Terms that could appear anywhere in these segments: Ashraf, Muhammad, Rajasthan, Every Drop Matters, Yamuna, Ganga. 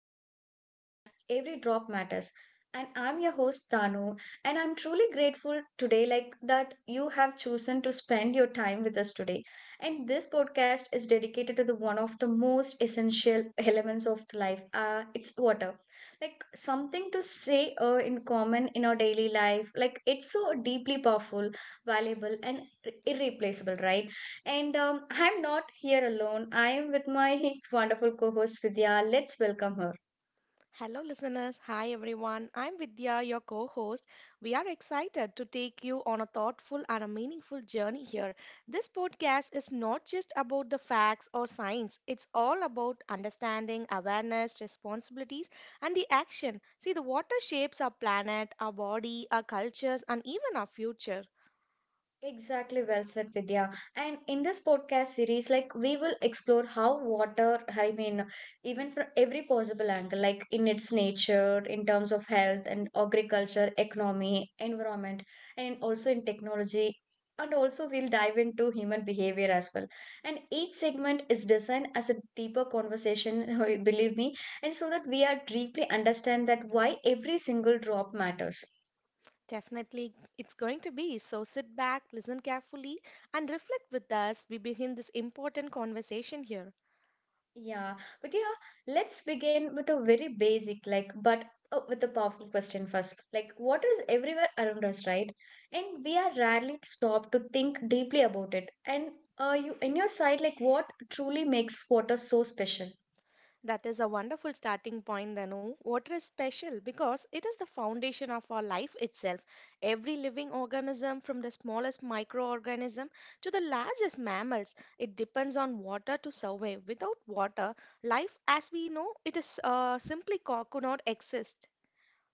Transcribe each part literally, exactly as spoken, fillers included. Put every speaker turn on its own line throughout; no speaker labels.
wonderful podcast, Every Drop Matters. And I'm your host, Danu, and I'm truly grateful today, like that you have chosen to spend your time with us today. And this podcast is dedicated to the one of the most essential elements of life. Uh, it's water, like something to say uh, in common in our daily life. Like it's so deeply powerful, valuable, and irreplaceable, right? And um, I'm not here alone. I am with my wonderful co host Vidya. Let's welcome her.
Hello, listeners. Hi, everyone. I'm Vidya, your co host. We are excited to take you on a thoughtful and a meaningful journey here. This podcast is not just about the facts or science, it's all about understanding, awareness, responsibilities, and the action. See, the water shapes our planet, our body, our cultures, and even our future.
Exactly, well said, Vidya. And in this podcast series, like we will explore how water, I mean, even from every possible angle, like in its nature, in terms of health and agriculture, economy, environment, and also in technology. And also, we'll dive into human behavior as well. And each segment is designed as a deeper conversation, believe me, and so that we are deeply understand that why every single drop matters.
Definitely, it's going to be. So sit back, listen carefully, and reflect with us. We begin this important conversation here.
Yeah, but yeah, let's begin with a very basic, like, but uh, with a powerful question first. Like, water is everywhere around us, right? And we are rarely stopped to think deeply about it. And uh, you, in your side, like, what truly makes water so special?
That is a wonderful starting point, Danu. Water is special because it is the foundation of our life itself. Every living organism, from the smallest microorganism to the largest mammals, it depends on water to survive. Without water, life as we know it is uh, simply co- could not exist.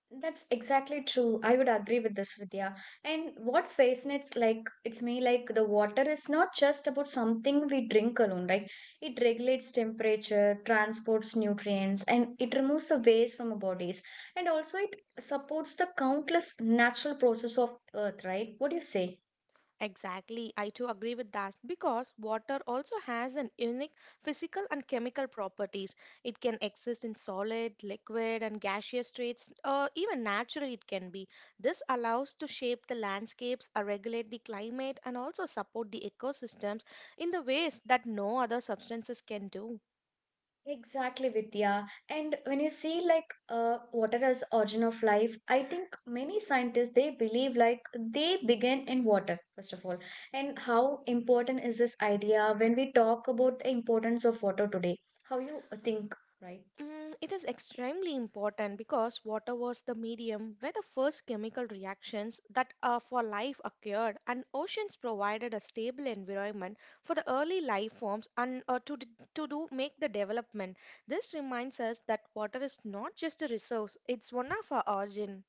That's exactly true. I would agree with this, Vidya. And what fascinates like it's me like the water is not just about something we drink alone, right? It regulates temperature, transports nutrients, and it removes the waste from our bodies. And also it supports the countless natural process of earth, right? What do you say?
Exactly, I too agree with that because water also has an unique physical and chemical properties. It can exist in solid, liquid, and gaseous states, or even naturally it can be. This allows to shape the landscapes, uh, regulate the climate, and also support the ecosystems in the ways that no other substances can do.
Exactly, Vidya. And when you see like uh, water as origin of life, I think many scientists they believe like they begin in water first of all. And how important is this idea when we talk about the importance of water today? How you think, right?
Mm, it is extremely important because water was the medium where the first chemical reactions that are for life occurred, and oceans provided a stable environment for the early life forms and uh, to, d- to do make the development. This reminds us that water is not just a resource; it's one of our origin.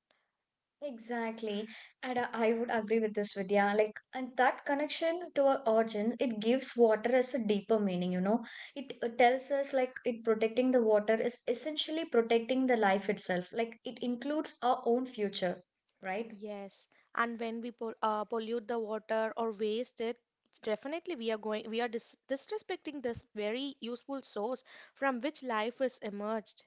Exactly. And uh, I would agree with this, Vidya. Like, and that connection to our origin, it gives water as a deeper meaning, you know. It uh, tells us, like, it protecting the water is essentially protecting the life itself. Like, it includes our own future, right?
Yes, and when we pol- uh, pollute the water or waste it, it's definitely we are going we are dis- disrespecting this very useful source from which life is emerged.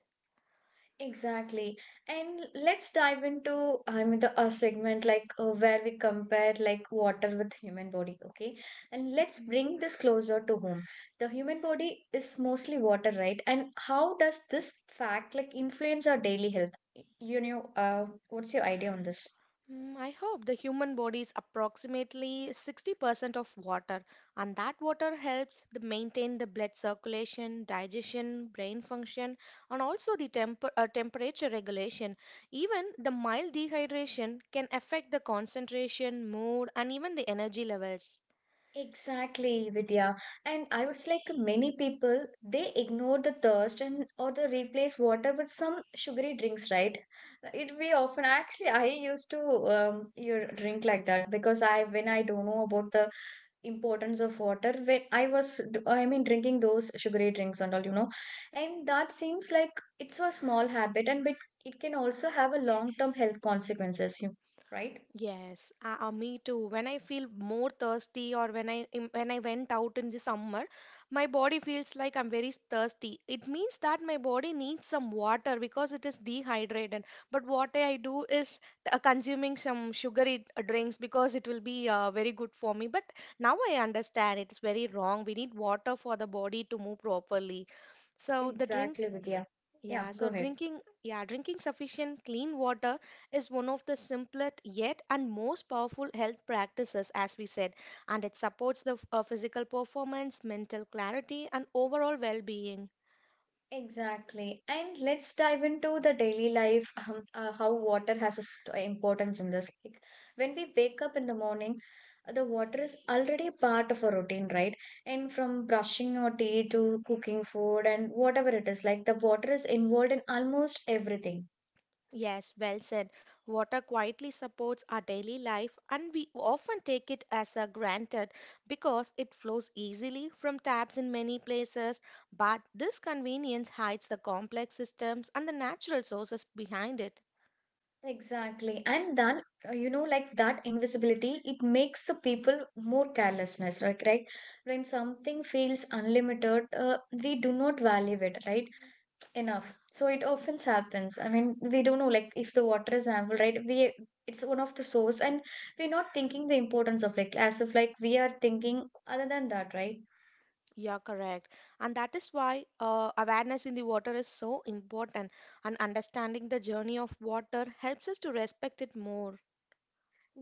Exactly. And let's dive into, I mean, the a segment like uh, where we compare like water with human body, okay? And let's bring this closer to home. The human body is mostly water, right? And how does this fact like influence our daily health? You know, uh, what's your idea on this?
Mm, I hope the human body is approximately sixty percent of water, and that water helps the maintain the blood circulation, digestion, brain function, and also the temper, uh, temperature regulation. Even the mild dehydration can affect the concentration, mood, and even the energy levels.
Exactly, Vidya. And I would say like many people, they ignore the thirst and or they replace water with some sugary drinks, right? It we often actually I used to um you drink like that because I when I don't know about the importance of water when I was d- I mean drinking those sugary drinks and all you know, and that seems like it's a small habit and but it can also have a long term health consequences, you right?
Yes, uh, uh, me too. When I feel more thirsty or when I im- when I went out in the summer, my body feels like I'm very thirsty. It means that my body needs some water because it is dehydrated. But what I do is uh, consuming some sugary uh, drinks because it will be uh, very good for me. But now I understand it's very wrong. We need water for the body to move properly. So the
Exactly,
drink
Vidya. Yeah,
yeah,
go
so
ahead.
drinking, yeah, drinking sufficient clean water is one of the simplest yet and most powerful health practices, as we said, and it supports the f- uh, physical performance, mental clarity, and overall well-being.
Exactly. And let's dive into the daily life, um, uh, how water has a s- uh, importance in this. Like, when we wake up in the morning, uh, the water is already part of our routine, right? And from brushing our teeth to cooking food and whatever it is, like the water is involved in almost everything.
Yes, well said. Water quietly supports our daily life, and we often take it as a granted because it flows easily from taps in many places. But this convenience hides the complex systems and the natural sources behind it.
Exactly. And then, uh, you know, like that invisibility, it makes the people more carelessness, right? Right? When something feels unlimited, uh, we do not value it, right? Enough so it often happens I mean we don't know like if the water is ample right we it's one of the source and we're not thinking the importance of like as if like we are thinking other than that, right?
Yeah, correct. And that is why uh, awareness in the water is so important, and understanding the journey of water helps us to respect it more.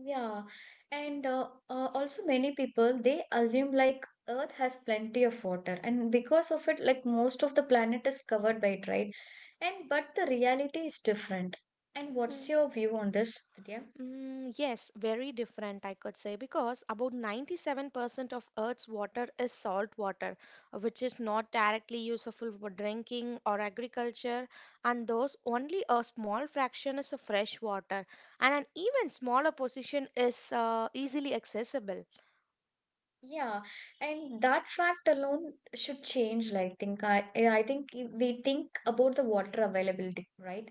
Yeah, and uh, uh, also many people they assume like earth has plenty of water and because of it like most of the planet is covered by it, right? And but the reality is different, and what's
Mm,
your view on this, Vidya?
mm, yes, very different, I could say, because about ninety-seven percent of Earth's water is salt water, uh, which is not directly useful for drinking or agriculture, and those only a small fraction is a fresh water, and an even smaller portion is uh, easily accessible.
Yeah, and that fact alone should change, like think I I think if we think about the water availability, right?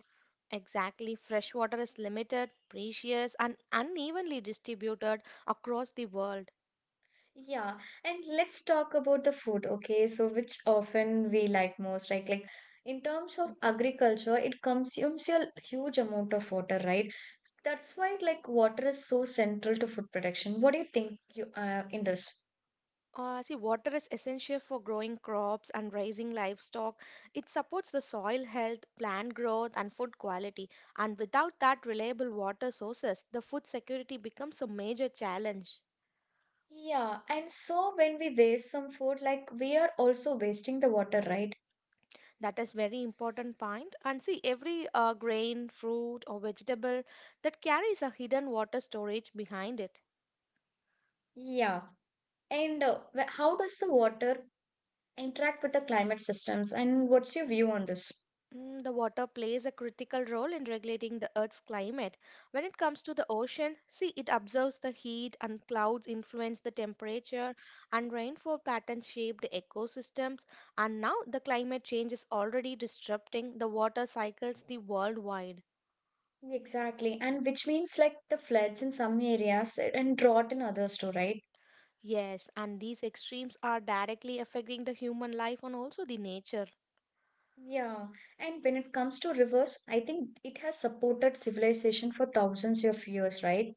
Exactly. Fresh water is limited, precious, and unevenly distributed across the world.
Yeah, and let's talk about the food, okay? So which often we like most, right? Like in terms of
Mhm.
agriculture, it consumes a huge amount of water, right? That's why like water is so central to food production. What do you think you uh, in this?
Uh, see, water is essential for growing crops and raising livestock. It supports the soil health, plant growth, and food quality. And without that reliable water sources, the food security becomes a major challenge.
Yeah, and so when we waste some food, like we are also wasting the water, right?
That is very important point. And see, every uh, grain, fruit, or vegetable that carries a hidden water storage behind it.
Yeah, and uh, wh- how does the water interact with the climate systems? And what's your view on this?
Mm, the water plays a critical role in regulating the Earth's climate. When it comes to the ocean, see, it absorbs the heat and clouds influence the temperature and rainfall patterns shape the ecosystems. And now the climate change is already disrupting the water cycles the worldwide.
Exactly. And which means like the floods in some areas and drought in others too, right?
Yes, and these extremes are directly affecting the human life and also the nature.
Yeah. And when it comes to rivers, I think it has supported civilization for thousands of years, right?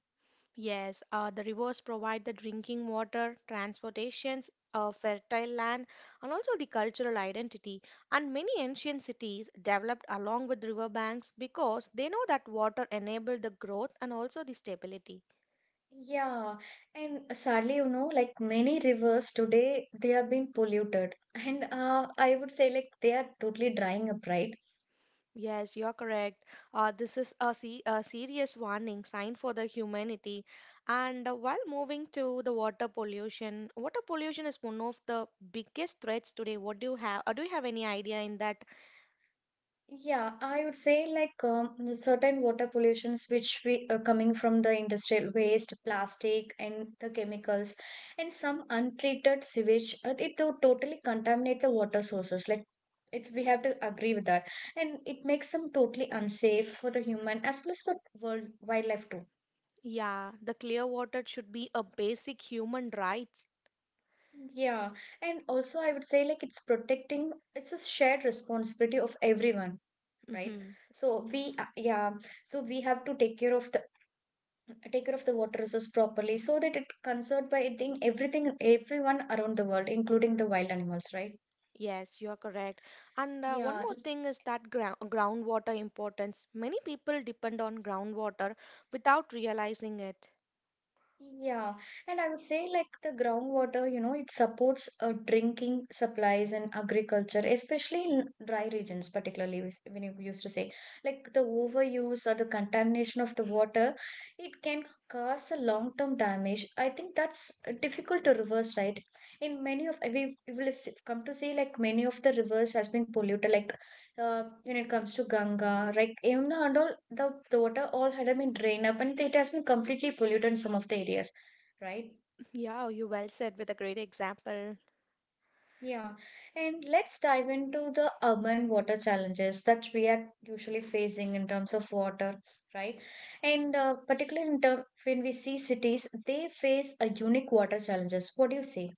Yes, uh, the rivers provide the drinking water, transportations, uh, fertile land, and also the cultural identity. And many ancient cities developed along with riverbanks because they know that water enabled the growth and also the stability.
Yeah. And sadly, you know, like many rivers today, they have been polluted. And uh, I would say like they are totally drying up, right?
Yes, you're correct. Uh, this is a, se- a serious warning sign for the humanity. And uh, while moving to the water pollution, water pollution is one of the biggest threats today. What do you have? Uh, do you have any idea in that?
Yeah, I would say like um, the certain water pollutions which we are coming from the industrial waste, plastic, and the chemicals, and some untreated sewage, uh, it to totally contaminate the water sources. Like it's we have to agree with that, and it makes them totally unsafe for the human as well as the world wildlife too.
Yeah, the clear water should be a basic human rights.
Yeah, and also I would say like it's protecting. It's a shared responsibility of everyone, right?
Hmm.
So we, uh, yeah, so we have to take care of the take care of the water resource properly so that it conserved by eating everything everyone around the world including the wild animals, right?
Yes, you're correct. And uh, one
Yeah.
more thing is that ground groundwater importance. Many people depend on groundwater without realizing it.
Yeah, and I would say like the groundwater, you know, it supports uh, drinking supplies and agriculture, especially in dry regions, particularly wis- when you used to say like the overuse or the contamination of the water, it can cause a long-term damage. I think that's uh, difficult to reverse, right? In many of we we will s- come to see like many of the rivers has been polluted, like uh, when it comes to Ganga, like Yamuna and all, the, the water all had been drained up and it has been completely polluted in some of the areas, right?
Yeah, you well said with a great example.
Yeah. And let's dive into the urban water challenges that we are usually facing in terms of water, right? And uh, particularly in term, when we see cities, they face a unique water challenges. What do you say?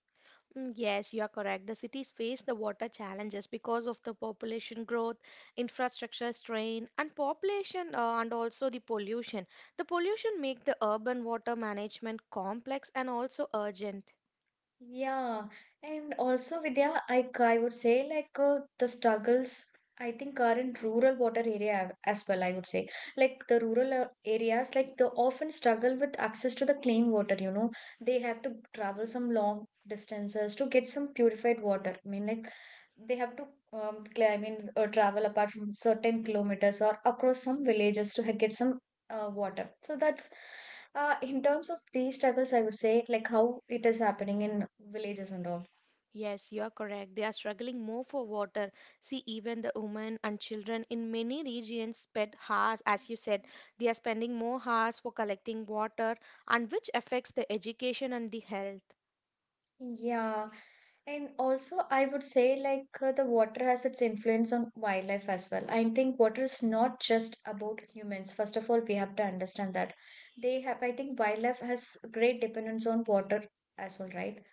Mm, yes, you are correct. The cities face the water challenges because of the population growth, infrastructure strain, and population uh, and also the pollution. The pollution make the urban water management complex and also urgent.
Yeah, and also Vidya, I I would say like uh, the struggles I think are in rural water area a- as well. I would say like the rural uh, areas like they often struggle with access to the clean water. You know, they have to travel some long distances to get some purified water. I mean like they have to um, climb in or travel apart from certain kilometers or across some villages to ha- get some uh, water. So that's uh, in terms of these struggles, I would say like how it is happening in villages and all.
Yes, you are correct. They are struggling more for water. See, even the women and children in many regions spend hours, as you said, they are spending more hours for collecting water, and which affects the education and the health.
Yeah, and also I would say like uh, the water has its influence on wildlife as well. I think water is not just about humans. First of all, we have to understand that they have. I think wildlife has great dependence on water as well, right?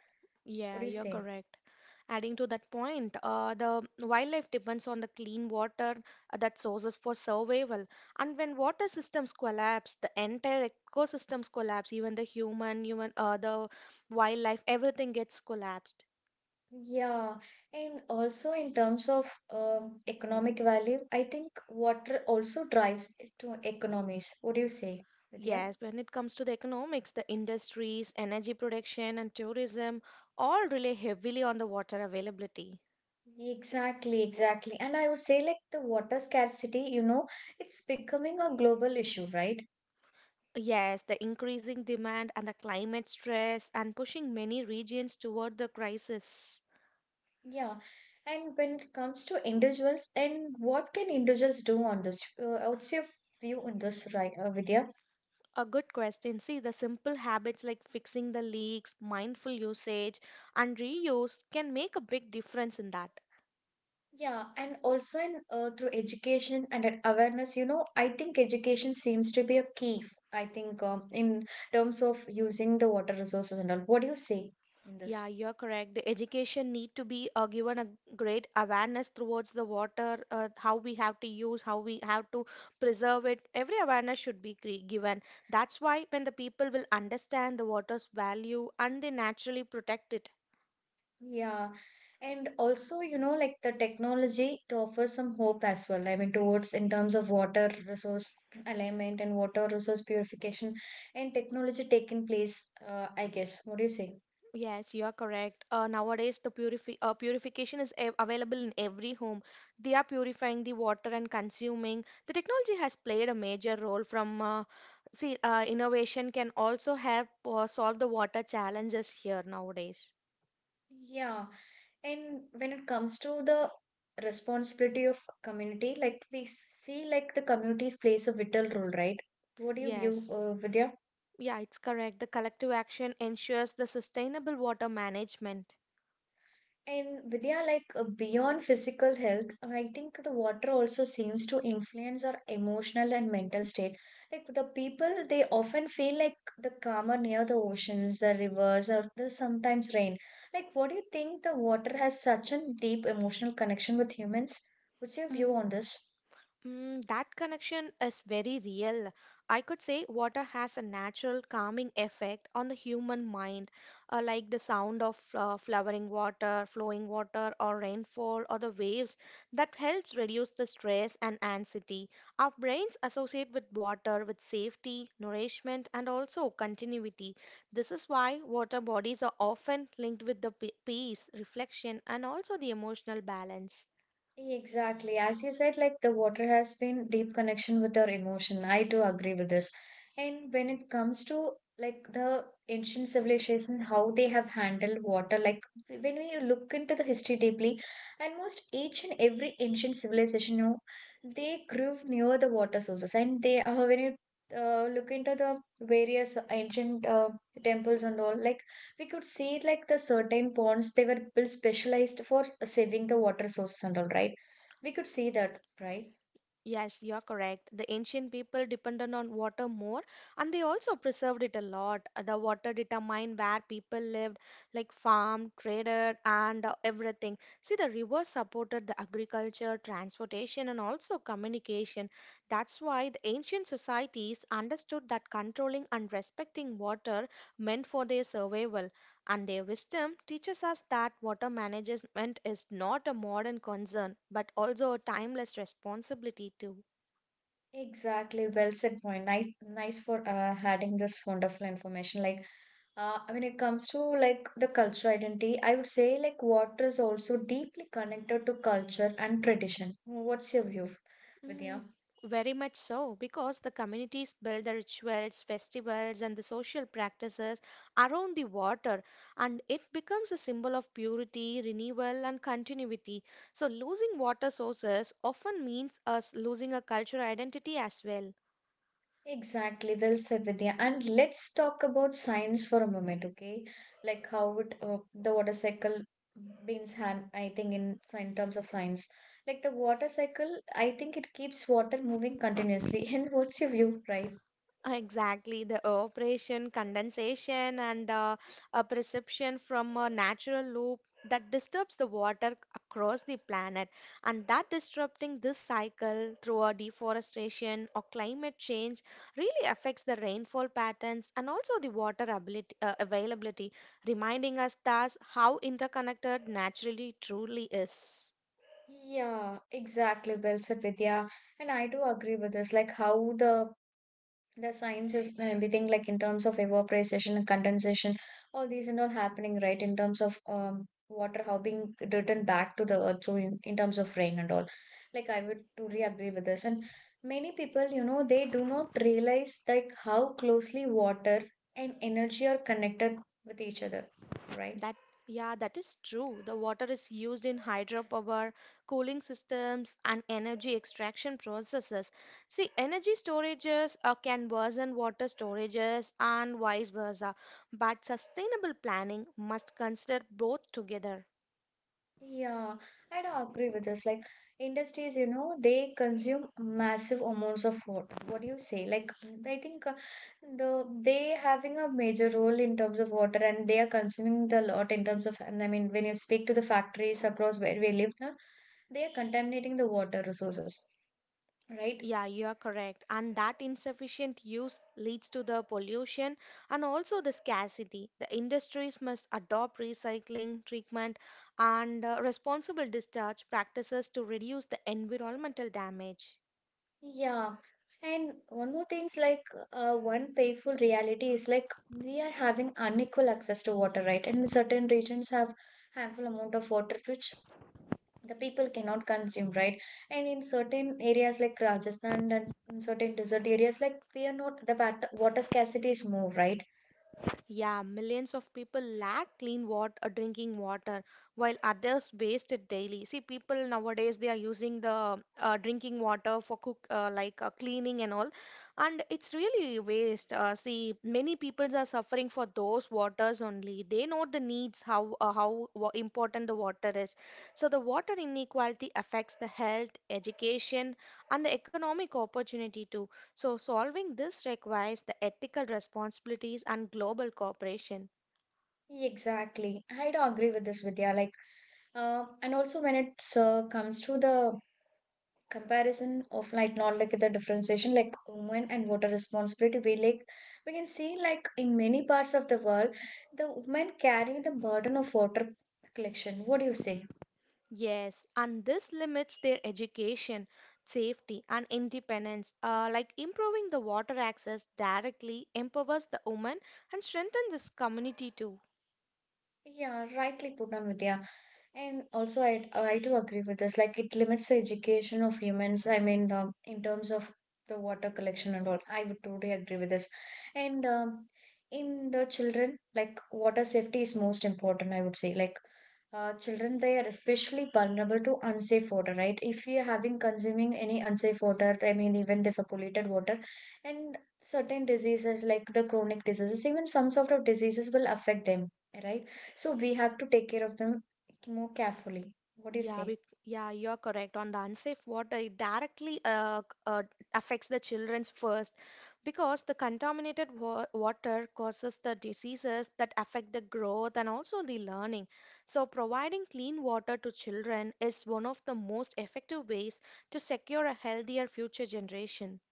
What
Yeah,
do you
you're
say?
correct. Adding to that point, uh, the wildlife depends on the clean water uh, that sources for survival. And when water systems collapse, the entire ecosystems collapse. Even the human, human, uh, the wildlife, everything gets collapsed.
Yeah, and also in terms of um, economic value, I think water also drives to economies. What do you say, Vidya?
Yes, when it comes to the economics, the industries, energy production, and tourism all rely heavily on the water availability.
Exactly, exactly. And I would say, like, the water scarcity, you know, it's becoming a global issue, right?
Yes, the increasing demand and the climate stress and pushing many regions toward the crisis.
Yeah. And when it comes to individuals, and what can individuals do on this? Uh, what's your view on this, right, uh, Vidya?
A good question. See, the simple habits like fixing the leaks, mindful usage, and reuse can make a big difference in that.
Yeah, and also in, uh, through education and an awareness, you know, I think education seems to be a key. I think um, in terms of using the water resources and all. What do you say in
Yeah,
this?
you're correct. The education need to be uh, given a great awareness towards the water, uh, how we have to use, how we have to preserve it. Every awareness should be cre- given. That's why when the people will understand the water's value and they naturally protect it.
Yeah, and also, you know, like the technology to offer some hope as well. I mean, towards in terms of water resource alignment and water resource purification and technology taking place, uh, I guess. What do you say?
Yes, you are correct. Uh, nowadays, the purifi uh, purification is av available in every home. They are purifying the water and consuming. The technology has played a major role from uh, see uh, innovation can also help uh, solve the water challenges here nowadays.
Yeah. And when it comes to the responsibility of community, like we see, like the communities plays a vital role, right? What do you view,
Yes,
uh, Vidya?
yeah, it's correct. The collective action ensures the sustainable water management.
And Vidya, like uh, beyond physical health, I think the water also seems to influence our emotional and mental state. Like the people, they often feel like the calmer near the oceans, the rivers, or the sometimes rain. Like, what do you think the water has such a deep emotional connection with humans? What's your view
Mm.
on this?
Mm, that connection is very real. I could say water has a natural calming effect on the human mind, uh, like the sound of uh, flowering water, flowing water, or rainfall, or the waves that helps reduce the stress and anxiety. Our brains associate with water with safety, nourishment, and also continuity. This is why water bodies are often linked with the pe- peace, reflection, and also the emotional balance.
Exactly. As you said, like the water has been deep connection with our emotion. I do agree with this. And when it comes to like the ancient civilization, how they have handled water, like when we look into the history deeply, almost each and every ancient civilization, you know, they grew near the water sources. And they uh, when you uh, look into the various ancient uh, temples and all, like we could see like the certain ponds they were built specialized for saving the water sources and all, right? We could see that, right?
Yes, you're correct. The ancient people depended on water more and they also preserved it a lot. The water determined where people lived, like farm, traded, and uh, everything. See, the rivers supported the agriculture, transportation, and also communication. That's why the ancient societies understood that controlling and respecting water meant for their survival. And their wisdom teaches us that water management is not a modern concern but also a timeless responsibility too.
Exactly, well said point. Nice, nice for uh, adding this wonderful information. Like, uh, when it comes to like the cultural identity, I would say like water is also deeply connected to culture and tradition. What's your view, Vidya?
Mm, very much so, because the communities build the rituals, festivals, and the social practices around the water, and it becomes a symbol of purity, renewal, and continuity. So, losing water sources often means us losing a cultural identity as well.
Exactly, well said, Vidya. And let's talk about science for a moment, okay? Like how it, uh, the water cycle means hand, I think in, sci- in terms of science. Like the water cycle, I think it keeps water moving continuously. And what's your view, right?
Exactly, the evaporation, condensation, and uh, a perception from a natural loop that disturbs the water across the planet. And that disrupting this cycle through a deforestation or climate change really affects the rainfall patterns and also the water ability, uh, availability, reminding us thus how interconnected naturally truly is.
Yeah, exactly, well said, Vidya. And I do agree with this, like how the the sciences and everything, like in terms of evaporation and condensation, all these and all happening, right? In terms of um, water, how being returned back to the earth through in, in terms of rain and all. Like, I would truly agree with this. And many people, you know, they do not realize like how closely water and energy are connected with each other, right?
That, yeah, that is true. The water is used in hydropower, cooling systems, and energy extraction processes. See, energy storages uh, can worsen water storages and vice versa, but sustainable planning must consider both together.
Yeah, I do agree with this. Like industries, you know, they consume massive amounts of water. What do you say? Like I think, uh, the they having a major role in terms of water, and they are consuming the lot in terms of. And I mean, when you speak to the factories across where we live now, they are contaminating the water resources, right?
Yeah, you are correct. And that insufficient use leads to the pollution and also the scarcity. The industries must adopt recycling, treatment, and uh, responsible discharge practices to reduce the environmental damage.
Yeah. And one more thing is like, uh, one painful reality is like we are having unequal access to water, right? And certain regions have handful amount of water which the people cannot consume, right? And in certain areas like Rajasthan and in certain desert areas, like they are not the wat- water scarcity is more, right?
Yeah, millions of people lack clean water, drinking water, while others waste it daily. See, people nowadays they are using the uh, drinking water for cook, uh, like uh, cleaning and all, and it's really waste. Uh, see, many peoples are suffering for those waters only. They know the needs, how uh, how wa- important the water is. So the water inequality affects the health, education, and the economic opportunity too. So, solving this requires the ethical responsibilities and global cooperation.
Exactly, I do agree with this, Vidya. Like, uh, and also when it uh, comes to the comparison of like, not like the differentiation, like women and water responsibility, we like we can see like in many parts of the world the women carry the burden of water collection. What do you say?
Yes, and this limits their education, safety, and independence. Uh, like improving the water access directly empowers the woman and strengthens this community too.
Yeah, rightly put on, Vidya. And also, I I do agree with this. Like, it limits the education of humans. I mean, um, in terms of the water collection and all, I would totally agree with this. And um, in the children, like water safety is most important. I would say, like, uh, children, they are especially vulnerable to unsafe water, right? If we are having consuming any unsafe water, I mean, even the polluted water, and certain diseases like the chronic diseases, even some sort of diseases will affect them, right? So we have to take care of them more carefully. What do you
Yeah,
say?
be yeah, you're correct on the unsafe water. It directly uh, c- uh, affects the children's first because the contaminated wa water causes the diseases that affect the growth and also the learning. So, providing clean water to children is one of the most effective ways to secure a healthier future generation.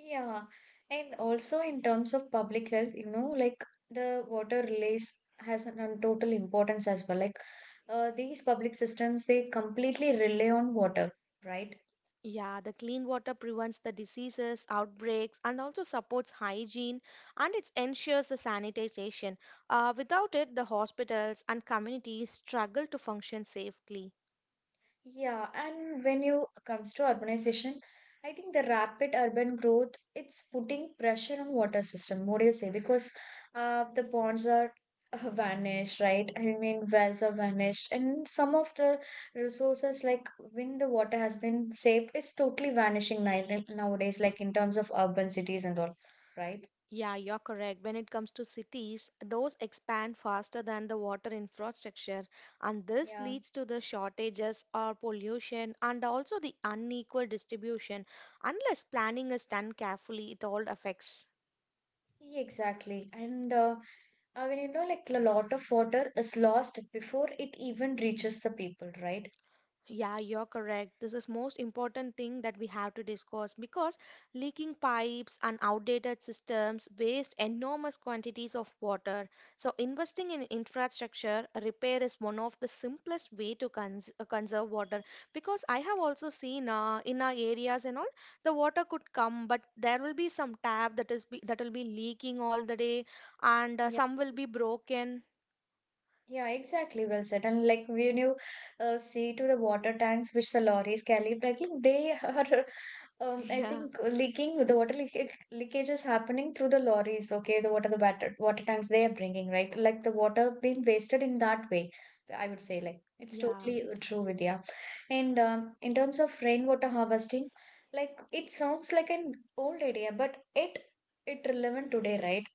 Yeah, and also in terms of public health, you know, like the water relays has an an total importance as well. Like, uh, these public systems, they completely rely on water, right?
Yeah, the clean water prevents the diseases, outbreaks, and also supports hygiene and it ensures the sanitization. Uh, without it, the hospitals and communities struggle to function safely.
Yeah, and when you comes to urbanization, I think the rapid urban growth, it's putting pressure on water system. What do you say? Because uh, the ponds are uh, vanished, right? I mean, wells are vanished, and some of the resources, like when the water has been saved, is totally vanishing ni- nowadays, like in terms of urban cities and all, right?
Yeah, you're correct. When it comes to cities, those expand faster than the water infrastructure, and this
Yeah.
leads to the shortages or pollution and also the unequal distribution. Unless planning is done carefully, it all affects.
Yeah, exactly. And uh, I mean, you know, like a lot of water is lost before it even reaches the people, right?
Yeah, you're correct. This is most important thing that we have to discuss because leaking pipes and outdated systems waste enormous quantities of water. So investing in infrastructure repair is one of the simplest way to cons uh, conserve water because I have also seen uh, in our areas and all the water could come but there will be some tap that is be, that will be leaking all the day and uh,
Yeah,
some will be broken.
yeah, exactly. Well said. And like when you uh, see to the water tanks which the lorries carry, I think they are, um, I
Yeah,
think leaking. The water leakage, leakage is happening through the lorries. Okay, the water, the water, water tanks they are bringing, right? Like the water being wasted in that way. I would say like it's
yeah.
totally uh, true, Vidya. And um, in terms of rainwater harvesting, like it sounds like an old idea, but it it relevant today, right?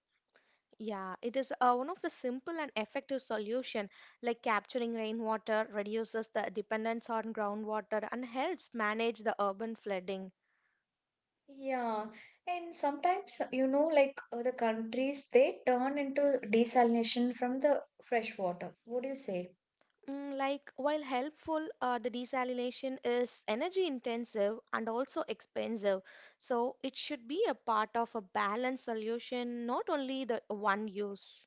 Yeah, it is uh, one of the simple and effective solution like capturing rainwater reduces the dependence on groundwater and helps manage the urban flooding.
Yeah, and sometimes, you know, like uh, the countries, they turn into desalination from the fresh water. What do you say?
Mm, like while helpful, uh, the desalination is energy intensive and also expensive, so it should be a part of a balanced solution, not only the one use.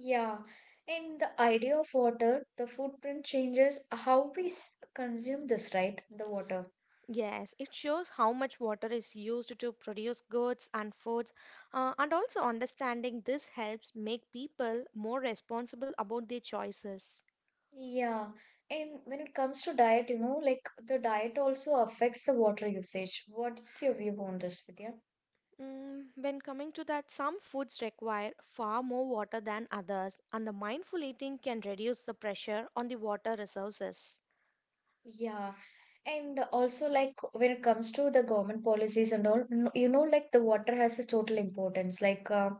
Yeah, and the idea of water, the footprint changes how we s- consume this, right? The water.
Yes, it shows how much water is used to produce goods and foods, uh, and also understanding this helps make people more responsible about their choices.
Yeah, and when it comes to diet, you know, like the diet also affects the water usage. What's your view on this, Vidya?
Mm, when coming to that, some foods require far more water than others, and the mindful eating can reduce the pressure on the water resources.
Yeah, and also, like when it comes to the government policies and all, n- you know, like the water has a total importance. Like, uh,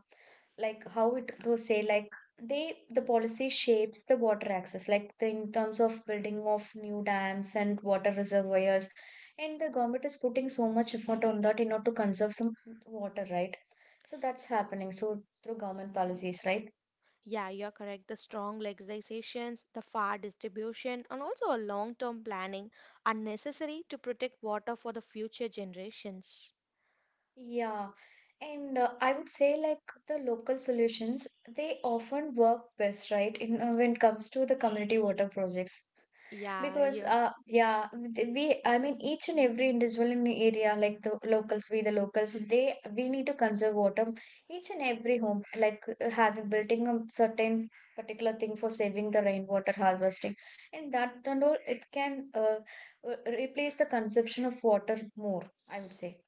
like how it to say, like they the policy shapes the water access, like the, in terms of building of new dams and water reservoirs, and the government is putting so much effort on that in order to conserve some water, right? So that's happening. So through government policies, right?
Yeah, you're correct. The strong legislations, the far distribution, and also a long-term planning are necessary to protect water for the future generations.
Yeah, and uh, I would say like the local solutions, they often work best, right? In uh, when it comes to the community water projects,
Yeah,
because
you
uh, yeah, th- we, I mean, each and every individual in the area, like the locals, we the locals, they we need to conserve water. Each and every home, like, uh, having building a certain particular thing for saving the rainwater harvesting, and that and all, it can uh, uh, replace the consumption of water more, I would say.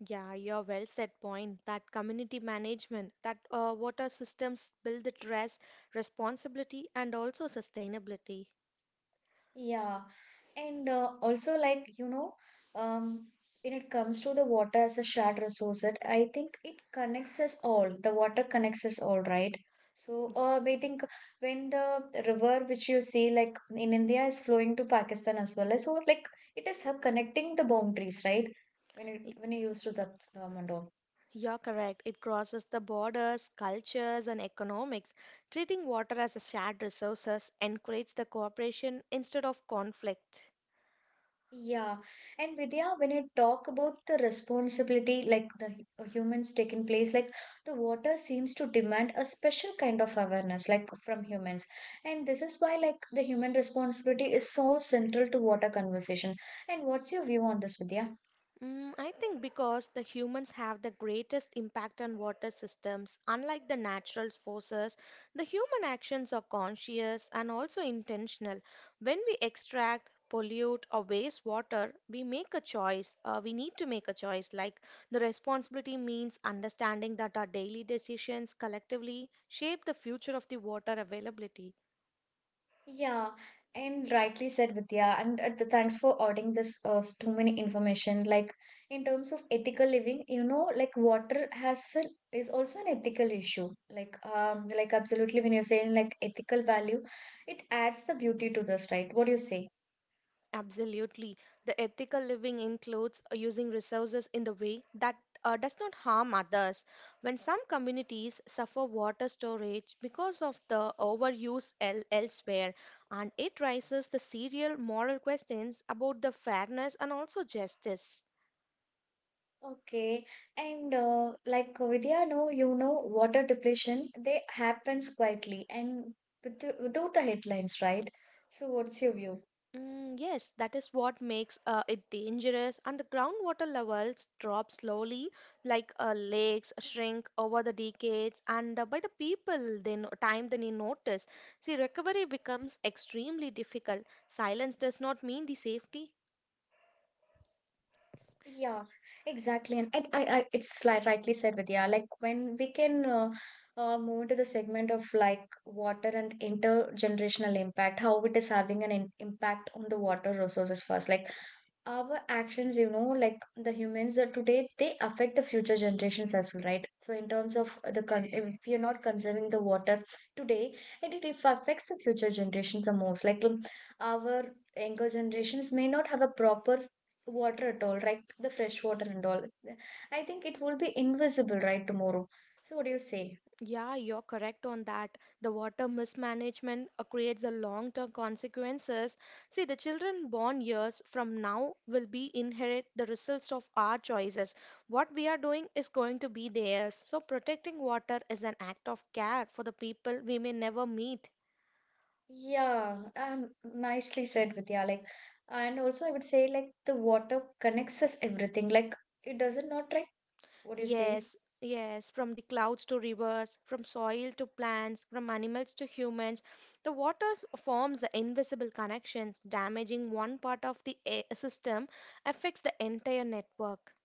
Yeah, you're well said point. That community management, that uh, water systems build the trust, responsibility, and also sustainability.
Yeah, and uh, also, like, you know, um, when it comes to the water as a shared resource, that I think it connects us all. The water connects us all, right? So, uh, I think when the river which you see like in India is flowing to Pakistan as well, so like it is uh, connecting the boundaries, right? When it
Y-
when you use to that term and all.
You're correct. It crosses the borders, cultures, and economics. Treating water as a shared resources encourages the cooperation instead of conflict.
Yeah, and Vidya, when you talk about the responsibility, like the hu- uh, humans taking place, like the water seems to demand a special kind of awareness, like from humans. And this is why, like, the human responsibility is so central to water conversation. And what's your view on this, Vidya?
Mm, I think because the humans have the greatest impact on water systems, unlike the natural forces, the human actions are conscious and also intentional. When we extract, pollute, or waste water, we make a choice. Uh, we need to make a choice. Like the responsibility means understanding that our daily decisions collectively shape the future of the water availability.
Yeah, and rightly said, Vidya. And uh, th- thanks for adding this uh, s- too many information. Like in terms of ethical living, you know, like water has a, is also an ethical issue. Like, um, like absolutely when you're saying like ethical value, it adds the beauty to this, right? What do you say?
Absolutely. The ethical living includes using resources in the way that uh, does not harm others. When some communities suffer water storage because of the overuse el- elsewhere, and it raises the serial moral questions about the fairness and also justice.
Okay, and uh, like Vidya, no, you know, water depletion they happens quietly and with the, without the headlines, right? So what's your view?
Mm, yes, that is what makes uh, it dangerous, and the groundwater levels drop slowly, like uh, lakes shrink over the decades, and uh, by the people they no time they notice. See, recovery becomes extremely difficult. Silence does not mean the safety.
Yeah, exactly. And I, I, I it's like rightly said, Vidya. Like when we can uh, uh, move to the segment of like water and intergenerational impact, how it is having an in impact on the water resources first. Like our actions, you know, like the humans that today, they affect the future generations as well, right? So in terms of the con- if you're not conserving the water today, it, it affects the future generations the most. Like, um, our younger generations may not have a proper water at all, right? The fresh water and all, I think it will be invisible right tomorrow. So what do you say?
Yeah, you're correct on that. The water mismanagement uh, creates a long-term consequences. See, the children born years from now will be inherit the results of our choices. What we are doing is going to be theirs. So protecting water is an act of care for the people we may never meet.
Yeah, um, nicely said, Vidya. Like, and also I would say like the water connects us everything, like it doesn't not like. What do you say?
Yes, yes, from the clouds to rivers, from soil to plants, from animals to humans, the water s- forms the invisible connections. Damaging one part of the a- system affects the entire network.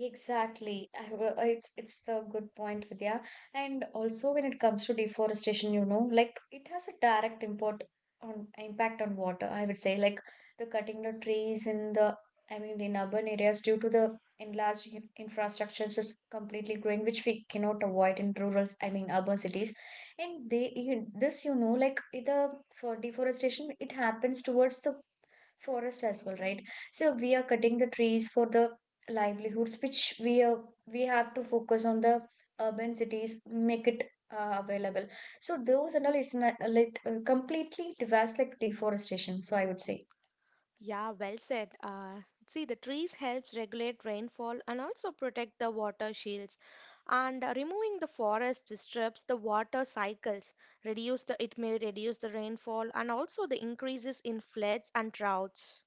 Exactly. I have a- It's it's the good point, Vidya. And also when it comes to deforestation, you know, like it has a direct import on impact on water, I would say. Like the cutting the trees in the, I mean, in urban areas due to the enlarged in- infrastructures is completely growing, which we cannot avoid in rural, I mean urban cities. And they you, this you know, like it, the for deforestation, it happens towards the forest as well, right? So we are cutting the trees for the livelihoods which we are, we have to focus on the urban cities, make it uh, available. So those and all, it's not, like, uh, completely devastates like deforestation, so I would say.
Yeah, well said. Uh, see, the trees helps regulate rainfall and also protect the water shields. And uh, removing the forest disrupts the water cycles. Reduce the It may reduce the rainfall and also the increases in floods and droughts.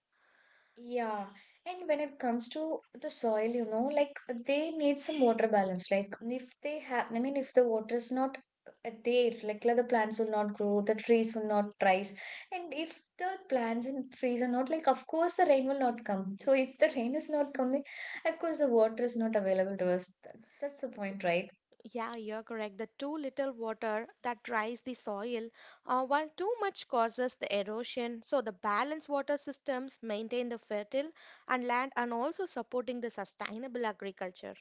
Yeah, and when it comes to the soil, you know, like they need some water balance. Like if they have, I mean, if the water is not uh, there, like, like the plants will not grow, the trees will not rise, and if the plants and trees are not like, of course the rain will not come. So if the rain is not coming, of course the water is not available to us. That's that's the point, right?
Yeah, you're correct. The too little water that dries the soil, uh, while too much causes the erosion. So the balanced water systems maintain the fertile and land and also supporting the sustainable agriculture.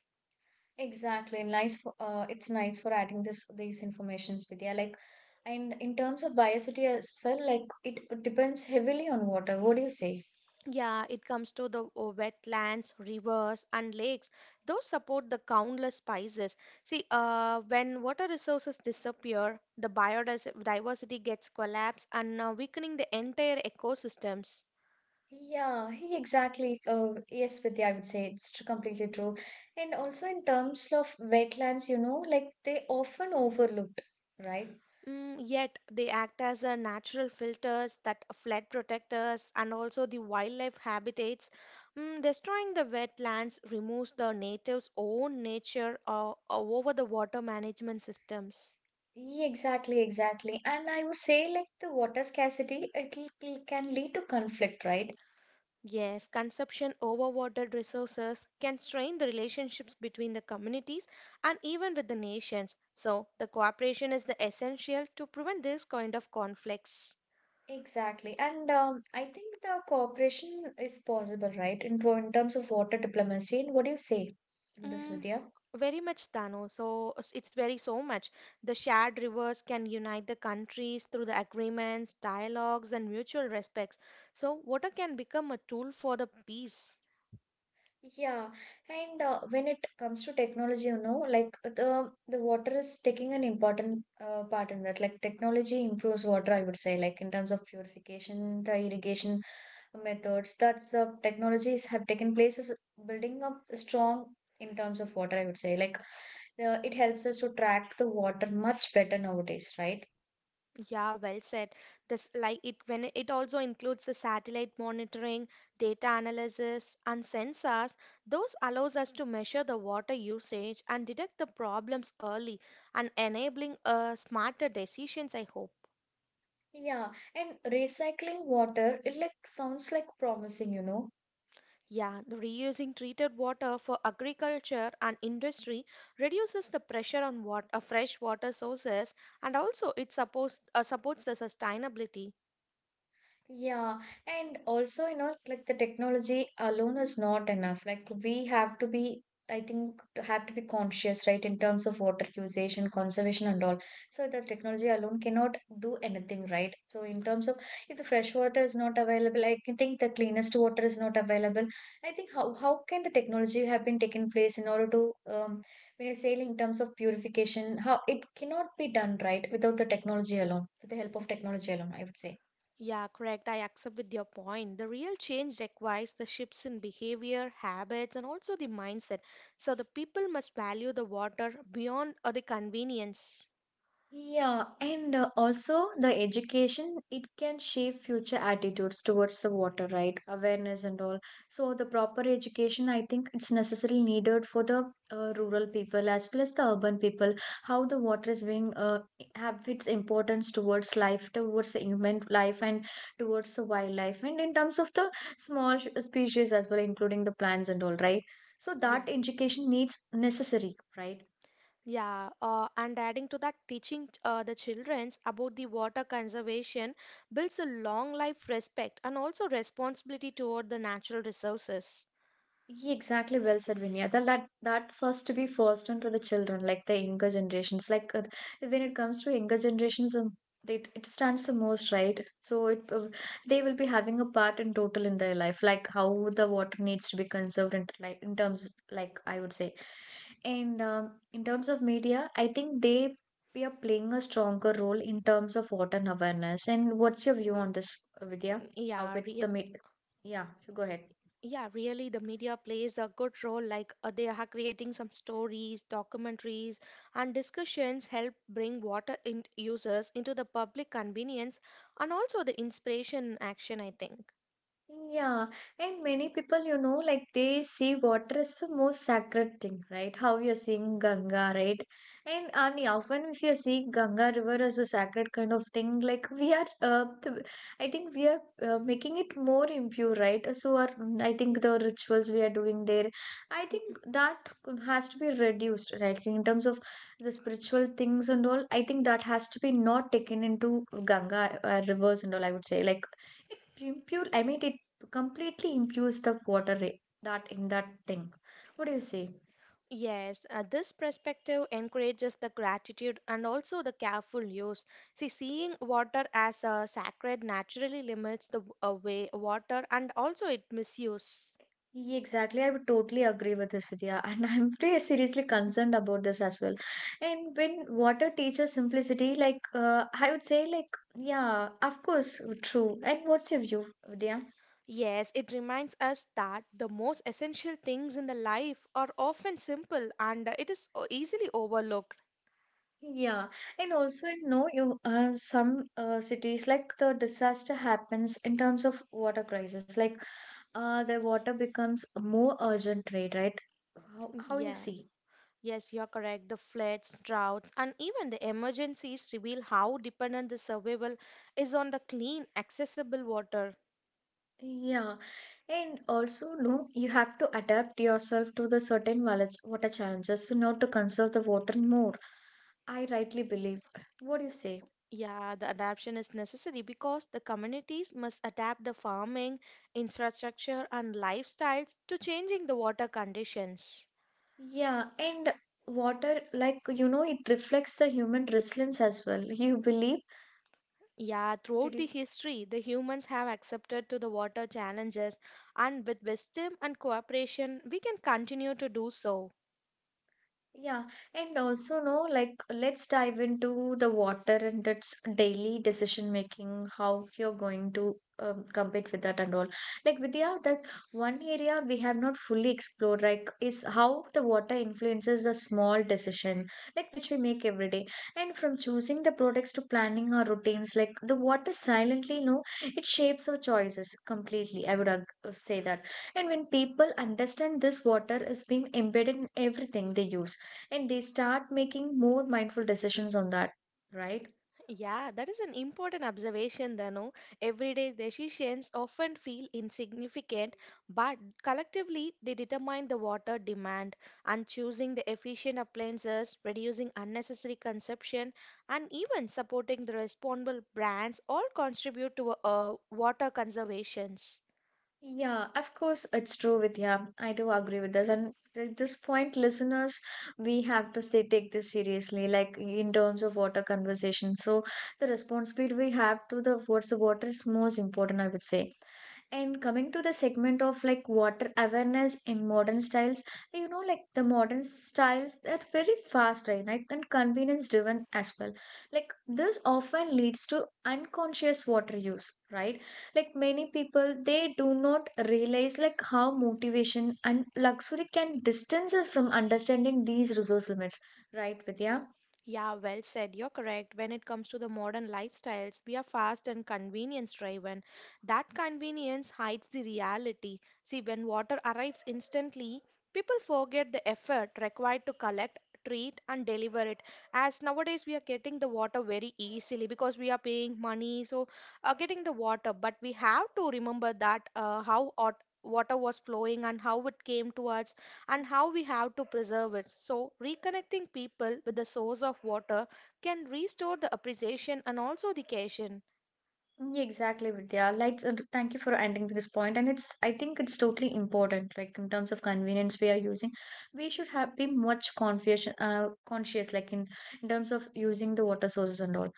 Exactly. Nice for uh, it's nice for adding this these informations, Vidya. Like, and in terms of biosity as well, like it depends heavily on water. What do you say?
Yeah, it comes to the uh, wetlands, rivers, and lakes. Those support the countless spices. See, uh, when water resources disappear, the biodiversity gets collapsed and uh, weakening the entire ecosystems.
Yeah, he exactly. Uh, yes, Vidya, I would say it's tr- completely true. And also in terms of wetlands, you know, like they often overlooked, right?
Mm, yet they act as a natural filters that flood protectors and also the wildlife habitats. Mm, destroying the wetlands removes the natives' own nature uh, over the water management systems.
Yeah, exactly, exactly. And I would say like the water scarcity, it l- l- can lead to conflict, right?
Yes, consumption over water resources can strain the relationships between the communities and even with the nations. So, the cooperation is the essential to prevent this kind of conflicts.
Exactly. And um, I think the cooperation is possible, right? In, in terms of water diplomacy. And what do you say on this,
Mm,
Vidya?
very much, Dano. So s- it's very so much. The shared rivers can unite the countries through the agreements, dialogues, and mutual respects. So water can become a tool for the peace.
Yeah, and uh, when it comes to technology, you know, like the the water is taking an important uh, part in that. Like technology improves water, I would say, like in terms of purification, the irrigation methods. That's uh, Technologies have taken place as building up strong in terms of water, I would say. Like the, it helps us to track the water much better nowadays, right?
Yeah, well said. This like it when it also includes the satellite monitoring, data analysis, and sensors. Those allows us to measure the water usage and detect the problems early and enabling uh, smarter decisions, I hope.
Yeah, and recycling water, it like sounds like promising, you know
Yeah, the reusing treated water for agriculture and industry reduces the pressure on water, uh, fresh water sources and also it supports, uh, supports the sustainability.
Yeah, and also, you know, like the technology alone is not enough. Like we have to be, I think, to have to be conscious, right, in terms of water usage and conservation and all. So the technology alone cannot do anything, right? So in terms of if the fresh water is not available, I can think the cleanest water is not available. I think how how can the technology have been taken place in order to um when you're saying in terms of purification, how it cannot be done, right, without the technology alone, with the help of technology alone, I would say.
Yeah, correct. I accept with your point. The real change requires the shifts in behavior, habits, and also the mindset. So the people must value the water beyond uh, the convenience.
Yeah, and uh, also the education, it can shape future attitudes towards the water, right? Awareness and all. So the proper education, I think it's necessarily needed for the uh, rural people as well as the urban people. How the water is being uh, have its importance towards life, towards the human life, and towards the wildlife, and in terms of the small sh- species as well, including the plants and all, right? So
Yeah.
that education needs necessary, right?
Yeah, uh, and adding to that, teaching uh, the childrens about the water conservation builds a long life respect and also responsibility toward the natural resources.
Yeah, exactly. Well said, Vinaya. That, that that first to be first on to the children, like the younger generations. Like uh, when it comes to younger generations, um, it it stands the most right. So it uh, they will be having a part in total in their life, like how the water needs to be conserved and like in terms of, like I would say, and um, in terms of media, I think they we are playing a stronger role in terms of water and awareness. And what's your view on this, Vidya? How
Yeah,
it
re
the media? Yeah, go ahead.
yeah, really, the media plays a good role. Like uh, they are creating some stories, documentaries, and discussions help bring water in users into the public convenience and also the inspiration action, I think.
Yeah, and many people, you know, like they see water as the most sacred thing, right? How you're seeing Ganga, right? And, and yeah, often if you're seeing Ganga River as a sacred kind of thing, like we are, uh, th- I think we are uh, making it more impure, right? So our, I think the rituals we are doing there, I think that has to be reduced, right? In terms of the spiritual things and all, I think that has to be not taken into Ganga uh, rivers and all, I would say, like it impure I mean it completely imbues the water ra- that in that thing. What do you say?
Yes, uh, this perspective encourages the gratitude and also the careful use. See, seeing water as a sacred naturally limits the w- uh, way water and also it misuse.
Yeah, exactly, I would totally agree with this, Vidya, and I'm pretty seriously concerned about this as well. And when water teaches simplicity, like uh, I would say, like yeah, of course, true. And what's your view, Vidya?
Yes, it reminds us that the most essential things in the life are often simple and it is o- easily overlooked.
Yeah, and also you know you uh, some uh, cities like the disaster happens in terms of water crisis, like uh, the water becomes more urgent, right? Right? How how you
Yeah.
see?
Yes, you're correct. The floods, droughts, and even the emergencies reveal how dependent the survival is on the clean, accessible water.
Yeah, and also no, you have to adapt yourself to the certain wala- water challenges in order to conserve the water more. I rightly believe. What do you say?
Yeah, the adaptation is necessary because the communities must adapt the farming, infrastructure, and lifestyles to changing the water conditions.
Yeah, and water, like you know, it reflects the human resilience as well. You believe?
Yeah,
Did
throughout the
you?
history, the humans have accepted to the water challenges, and with wisdom and cooperation, we can continue to do so.
Yeah, and also no, like let's dive into the water and its daily decision making, how you're going to um, compete with that and all. Like Vidya, that one area we have not fully explored, like is how the water influences the small decision, like which we make every day. And from choosing the products to planning our routines, like the water silently, no, it shapes our choices completely. I would ag- say that. And when people understand this water is being embedded in everything they use and they start making more mindful decisions on that, right?
Yeah, that is an important observation, Danu. Everyday decisions often feel insignificant, but collectively they determine the water demand. And choosing the efficient appliances, reducing unnecessary consumption, and even supporting the responsible brands all contribute to uh, water conservations.
Yeah, of course, it's true, Vidya. I do agree with this. And at this point, listeners, we have to say, take this seriously, like in terms of water conversation. So, the responsibility we have to the towards the water is most important, I would say. And coming to the segment of like water awareness in modern styles, you know, like the modern styles, they're very fast, right? Right? And convenience driven as well. Like this often leads to unconscious water use, right? Like many people, they do not realize like how motivation and luxury can distance us from understanding these resource limits, right, Vidya?
Yeah, well said. You're correct. When it comes to the modern lifestyles, we are fast and convenience driven. That convenience hides the reality. See, when water arrives instantly, people forget the effort required to collect, treat, and deliver it. As nowadays we are getting the water very easily because we are paying money, so uh, getting the water. But we have to remember that uh, how ot- water was flowing and how it came to us and how we have to preserve it. So, reconnecting people with the source of water can restore the appreciation and also the occasion.
Yeah, exactly, Vidya. Like, uh, thank you for ending this point. And it's, I think it's totally important. Like in terms of convenience we are using, we should have be much conscious, uh, conscious. Like in, in terms of using the water sources and all.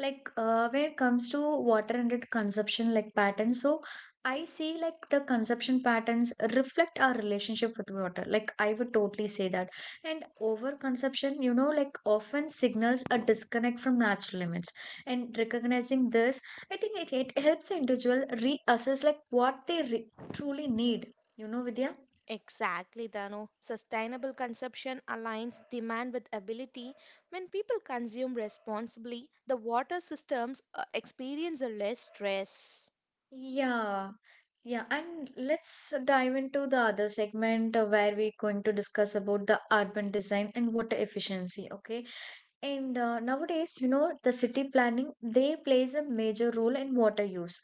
Like, uh, when it comes to water and its consumption, like patterns. So I see like the consumption patterns reflect our relationship with water. Like I would totally say that. And over consumption, you know, like often signals a disconnect from natural limits. And recognizing this I think it, it helps the individual reassess like what they re- truly need. You know, Vidya?
Exactly, Dano. Sustainable consumption aligns demand with ability. When people consume responsibly, the water systems uh, experience a less stress.
Yeah, yeah. And let's dive into the other segment uh, where we're going to discuss about the urban design and water efficiency. Okay. And uh, nowadays, you know, the city planning, they plays a major role in water use.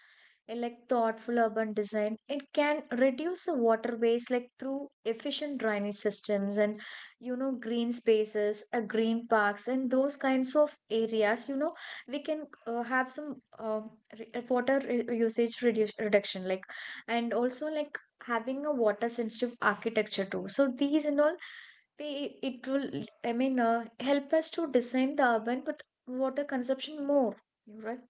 And, like thoughtful urban design, it can reduce the water waste like through efficient drainage systems and, you know, green spaces, uh, green parks, and those kinds of areas, you know, we can uh, have some uh, re- uh, water re- usage reduce reduction, like, and also like having a water sensitive architecture too. So these and all we it will I mean uh, help us to design the urban but water consumption more right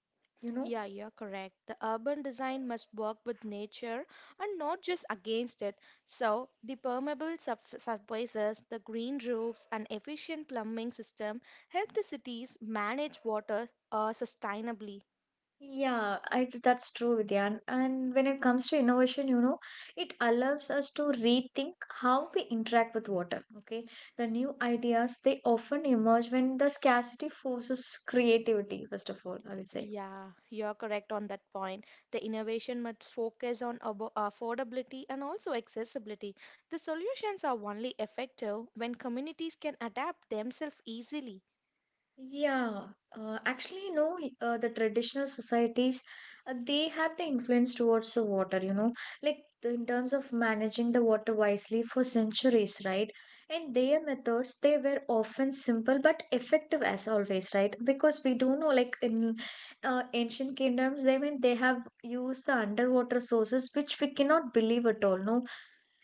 you know.
Yeah, you're correct. The urban design must work with nature and not just against it. So, the permeable surf- surfaces, the green roofs, and efficient plumbing system help the cities manage water uh, sustainably.
Yeah, I, th- that's true, Vidyan. And when it comes to innovation, you know, it allows us to rethink how we interact with water. Okay, the new ideas they often emerge when the scarcity forces creativity. First of all, I would say.
Yeah, you're correct on that point. The innovation must focus on abo- affordability and also accessibility. The solutions are only effective when communities can adapt themselves easily.
Yeah, uh, actually, you know, y- uh, the traditional societies, uh, they have the influence towards the water, you know, like the, in terms of managing the water wisely for centuries, right? And their methods, they were often simple but effective as always, right? Because we do know, like in uh, ancient kingdoms, I mean they have used the underwater sources, which we cannot believe at all, no,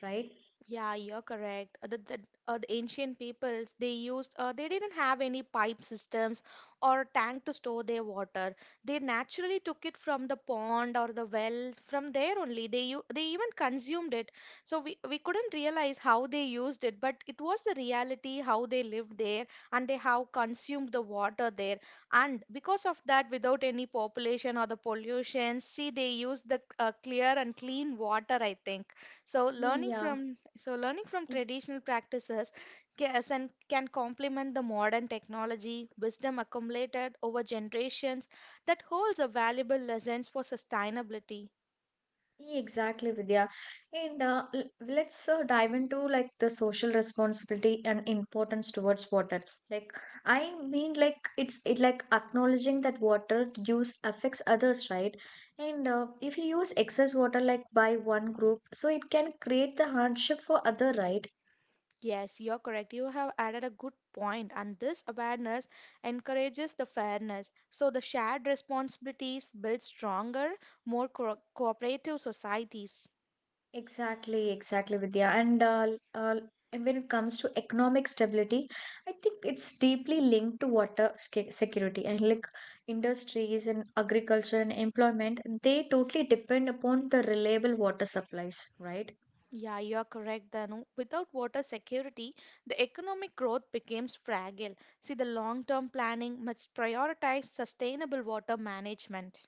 right?
Yeah, you're correct. Uh, The, the, uh, the ancient peoples, they used, uh, they didn't have any pipe systems or tank to store their water. They naturally took it from the pond or the wells. From there only, they u- they even consumed it. So we we couldn't realize how they used it, but it was the reality how they lived there and they how consumed the water there. And because of that, without any population or the pollution, see, they used the uh, clear and clean water, I think. So learning
Yeah.
from so learning from traditional practices can, and can complement the modern technology, wisdom accumulated over generations that holds a valuable lessons for sustainability.
Exactly, Vidya. And uh, l- let's uh, dive into like the social responsibility and importance towards water. Like, I mean, like it's it like acknowledging that water use affects others, right? And uh, if you use excess water like by one group, so it can create the hardship for other, right?
Yes, you're correct. You have added a good point, and this awareness encourages the fairness. So the shared responsibilities build stronger, more co- cooperative societies.
Exactly, exactly, Vidya. And uh, l- uh, and when it comes to economic stability, I think it's deeply linked to water sca- security and like industries and agriculture and employment, they totally depend upon the reliable water supplies, right?
Yeah, you're correct, Danu. Without water security, the economic growth becomes fragile. See, the long term planning must prioritize sustainable water management.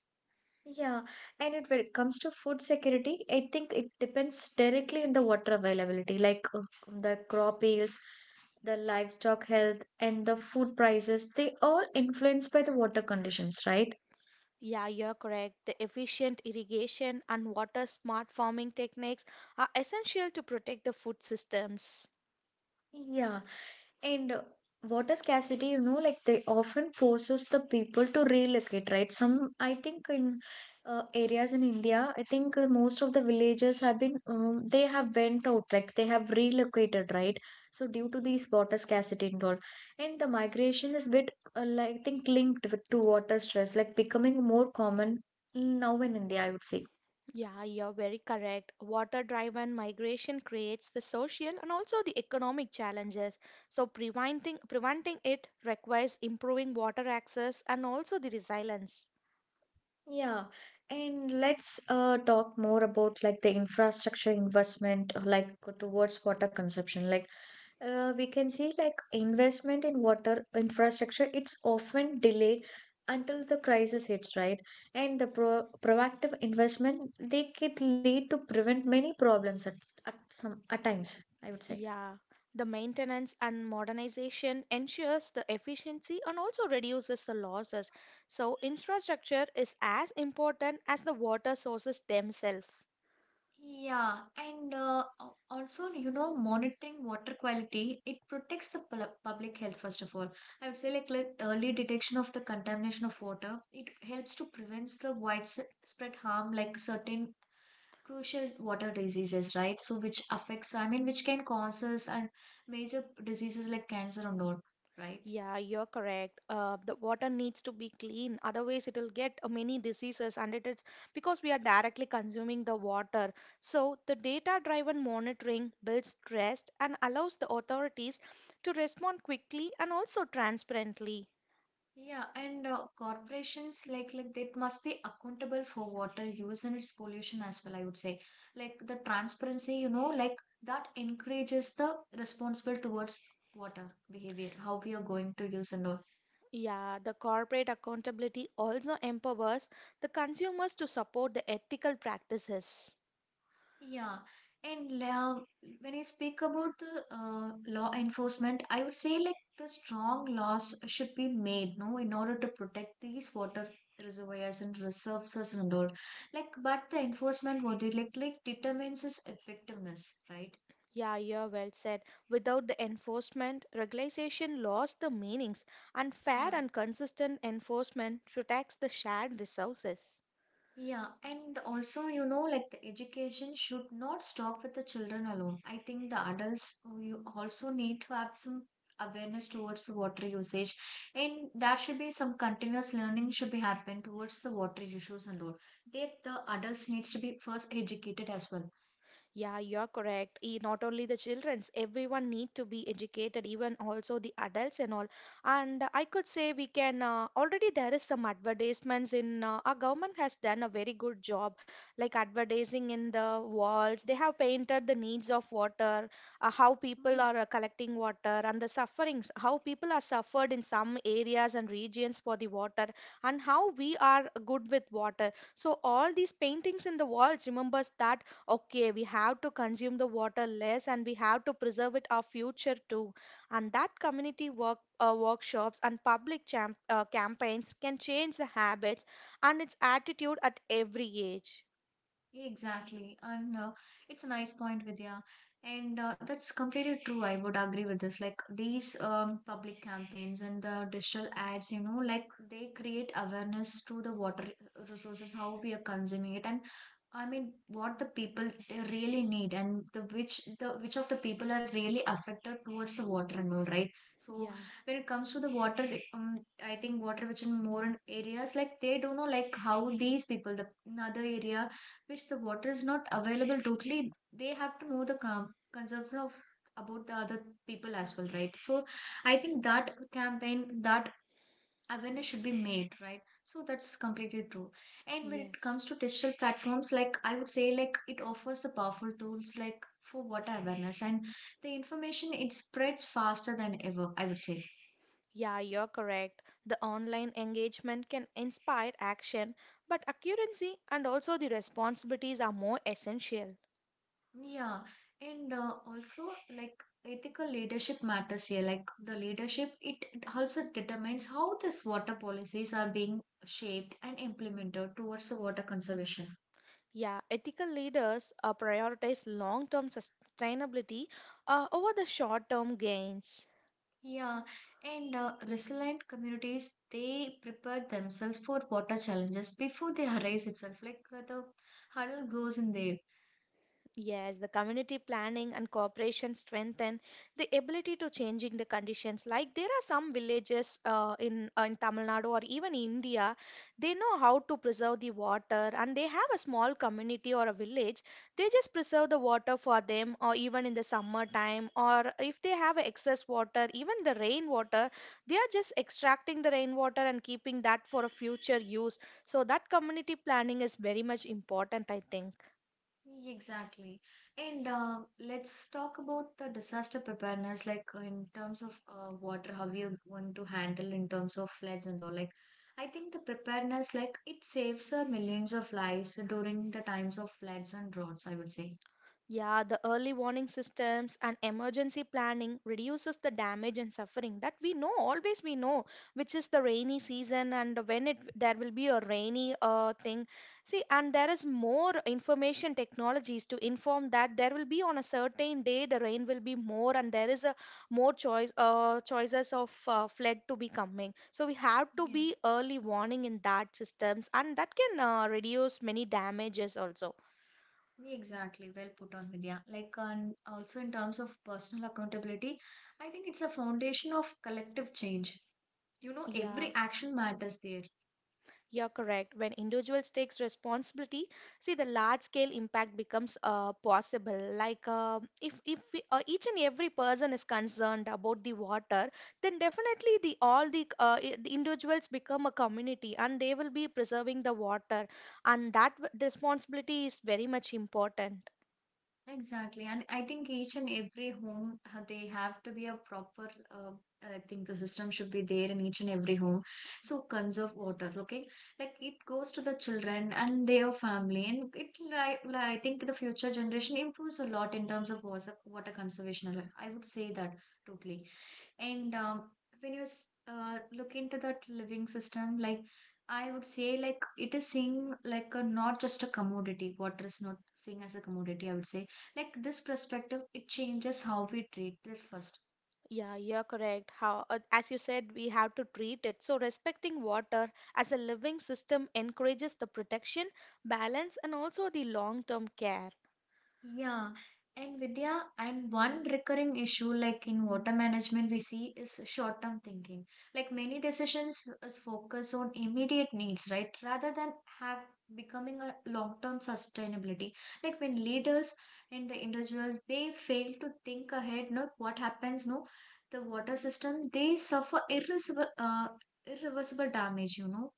Yeah, and it, when it comes to food security, I think it depends directly on the water availability, like uh, the crop yields, the livestock health, and the food prices. They all influenced by the water conditions, right?
Yeah, you're correct. The efficient irrigation and water smart farming techniques are essential to protect the food systems.
Yeah. And uh, water scarcity, you know, like they often forces the people to relocate, right? Some, I think, in uh, areas in India, I think uh, most of the villagers have been, um, they have went out, like they have relocated, right? So due to these water scarcity and all, and the migration is bit, uh, like, I think, linked with, to water stress, like becoming more common now in India, I would say.
Yeah, you're very correct. Water driven migration creates the social and also the economic challenges. So preventing preventing it requires improving water access and also the resilience.
Yeah, and let's uh, talk more about like the infrastructure investment, uh, like towards water consumption. Like uh, we can see like investment in water infrastructure, it's often delayed until the crisis hits, right? And the pro proactive investment, they could lead to prevent many problems at, at some at times, I would say.
Yeah, the maintenance and modernization ensures the efficiency and also reduces the losses. So, infrastructure is as important as the water sources themselves.
Yeah, and uh, al- also, you know, monitoring water quality, it protects the pul- public health, first of all. I would say, like, like, early detection of the contamination of water, it helps to prevent the widespread harm, like certain crucial water diseases, right? So, which affects, I mean, which can cause us and major diseases like cancer and all, right?
Yeah, you're correct. Uh, the water needs to be clean, otherwise it will get uh, many diseases, and it is because we are directly consuming the water. So the data-driven monitoring builds trust and allows the authorities to respond quickly and also transparently.
Yeah, and uh, corporations like like that must be accountable for water use and its pollution as well, I would say. Like the transparency, you know, like that encourages the responsible towards water behavior, how we are going to use and all.
Yeah, the corporate accountability also empowers the consumers to support the ethical practices.
Yeah, and uh, when I speak about the uh, law enforcement, I would say like the strong laws should be made, no, in order to protect these water reservoirs and reserves and all. Like, but the enforcement body like like determines its effectiveness, right?
Yeah, yeah, well said. Without the enforcement, regulation lost the meanings, and fair
Yeah.
and consistent enforcement protects the shared resources.
Yeah, and also, you know, like the education should not stop with the children alone. I think the adults, uh, you also need to have some awareness towards the water usage, and that should be some continuous learning should be happen towards the water issues and all. There, the adults needs to be first educated as well.
Yeah, you're correct. E- Not only the childrens, everyone need to be educated, even also the adults and all. And I could say we can uh, already there is some advertisements in uh, our government has done a very good job, like advertising in the walls. They have painted the needs of water, uh, how people
Yeah.
are uh, collecting water, and the sufferings, how people are suffered in some areas and regions for the water, and how we are good with water. So all these paintings in the walls remembers that okay, we have to consume the water less and we have to preserve it our future too. And that community work uh, workshops and public champ, uh, campaigns can change the habits and its attitude at every age.
Exactly. And uh, it's a nice point, Vidya. And uh, that's completely true. I would agree with this. Like these um, public campaigns and the digital ads, you know, like they create awareness to the water resources, how we are consuming it, and I mean, what the people they really need, and the which the which of the people are really affected towards the water and all, right? So
Yeah,
when it comes to the water, um, I think water which in more in areas like they don't know like how these people, the another area which the water is not available totally they have to know the com- concerns of about the other people as well, right? So I think that campaign, that awareness should be made, right? So that's completely true. And when it
yes.
comes to digital platforms, like I would say like it offers the powerful tools like for water awareness, and the information it spreads faster than ever, I would say.
Yeah, you're correct. The online engagement can inspire action, but accuracy and also the responsibilities are more essential.
Yeah, and uh, also like ethical leadership matters here. Like the leadership, it it also determines how these water policies are being shaped and implemented towards the water conservation.
Yeah, ethical leaders uh, prioritize long-term sustainability uh, over the short-term gains.
Yeah, and uh, resilient communities they prepare themselves for water challenges before they arise itself. Like uh, the hurdle goes in there.
Yes, the community planning and cooperation strengthen the ability to changing the conditions. Like there are some villages uh, in uh, in Tamil Nadu or even India, they know how to preserve the water, and they have a small community or a village. They just preserve the water for them, or even in the summer time, or if they have excess water, even the rainwater, they are just extracting the rainwater and keeping that for a future use. So that community planning is very much important, I think.
Exactly. And uh, let's talk about the disaster preparedness, like uh, in terms of uh, water, how you're going to handle in terms of floods and all. Like, I think the preparedness, like, it saves uh, millions of lives during the times of floods and droughts, I would say.
Yeah, the early warning systems and emergency planning reduces the damage and suffering that we know always we know, which is the rainy season and when it there will be a rainy uh, thing. See, and there is more information technologies to inform that there will be on a certain day the rain will be more and there is a more choice uh, choices of uh, flood to be coming. So we have to
Yeah,
be early warning in that systems and that can uh, reduce many damages also.
exactly. Well put on, Vidya. Like, and also in terms of personal accountability, I think it's a foundation of collective change. You know,
Yeah.
every action matters there.
You're correct. When individuals takes responsibility, see the large scale impact becomes uh, possible. Like uh, if if we, uh, each and every person is concerned about the water, then definitely the all the uh, i- the individuals become a community and they will be preserving the water, and that w- responsibility is very much important.
Exactly. And I think each and every home, uh, they have to be a proper, uh, I think the system should be there in each and every home. So conserve water, okay? Like it goes to the children and their family. And it, like, I think the future generation improves a lot in terms of water, water conservation. I would say that totally. And um, when you s- uh, look into that living system, like I would say, like it is seeing like a not just a commodity. Water is not seen as a commodity. I would say like this perspective, it changes how we treat it first.
Yeah, you're correct. How, uh, as you said, we have to treat it. So, respecting water as a living system encourages the protection, balance, and also the long term care.
Yeah. And Vidya, and one recurring issue like in water management we see is short-term thinking. Like many decisions is focus on immediate needs, right? Rather than have becoming a long-term sustainability. Like when leaders and the individuals they fail to think ahead, no, what happens, no, the water system they suffer irreversible, uh, irreversible damage, you know.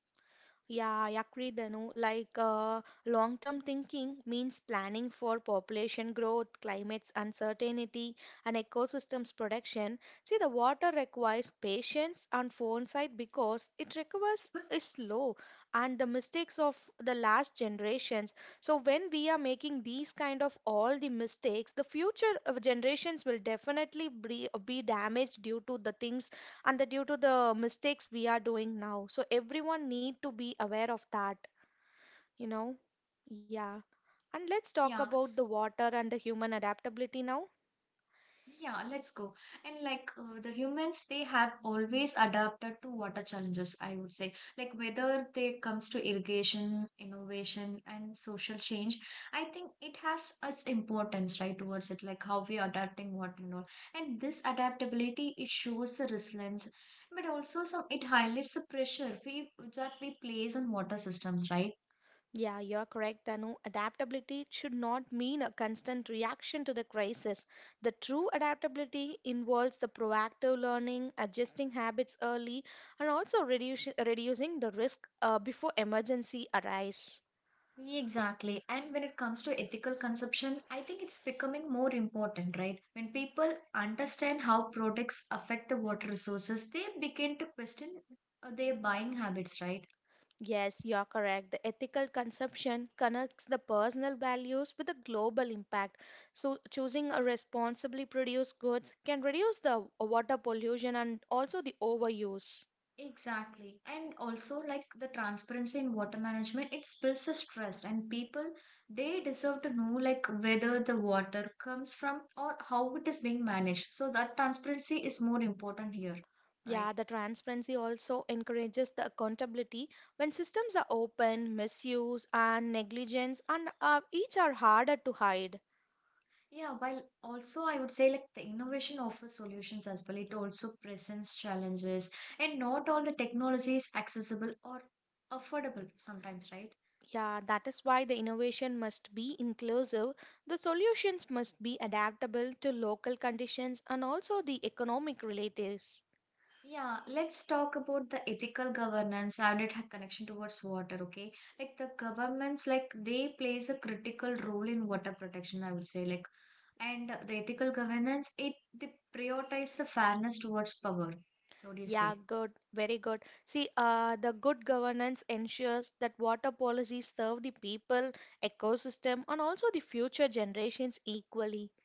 Yeah, yeah, Kridanu. Like uh, long-term thinking means planning for population growth, climate's uncertainty, and ecosystems protection. See, the water requires patience and foresight because it recovers is slow and the mistakes of the last generations. So when we are making these kind of all the mistakes, the future of generations will definitely be, be damaged due to the things and the due to the mistakes we are doing now, so everyone need to be aware of that, you know. Yeah. And let's talk
Yeah.
about the water and the human adaptability now.
Yeah, let's go. And like uh, the humans, they have always adapted to water challenges, I would say. Like whether they comes to irrigation, innovation, and social change, I think it has its importance, right, towards it, like how we are adapting water and all. And this adaptability, it shows the resilience, but also some it highlights the pressure we that we place on water systems, right?
Yeah, you're correct, Danu. Adaptability should not mean a constant reaction to the crisis. The true adaptability involves the proactive learning, adjusting habits early, and also reduce, reducing the risk uh, before emergency arise.
Exactly. And when it comes to ethical consumption, I think it's becoming more important, right? When people understand how products affect the water resources, they begin to question uh, their buying habits, right?
Yes, you are correct. The ethical consumption connects the personal values with the global impact. So, choosing a responsibly produced goods can reduce the water pollution and also the overuse.
Exactly. And also, like the transparency in water management, it builds a trust, and people they deserve to know, like, whether the water comes from or how it is being managed. So, that transparency is more important here,
Yeah,
right?
the transparency also encourages the accountability when systems are open, misuse, and negligence, and uh, each are harder to hide.
Yeah, while also I would say like the innovation offers solutions as well. It also presents challenges, and not all the technology is accessible or affordable sometimes, right?
Yeah, that is why the innovation must be inclusive, the solutions must be adaptable to local conditions and also the economic relatives.
Yeah, let's talk about the ethical governance and it had connection towards water, okay? Like the governments, like they plays a critical role in water protection, I would say, like and the ethical governance, it they prioritize the fairness towards power. What do you
Yeah,
say?
good, very good. See, uh, the good governance ensures that water policies serve the people, ecosystem, and also the future generations equally.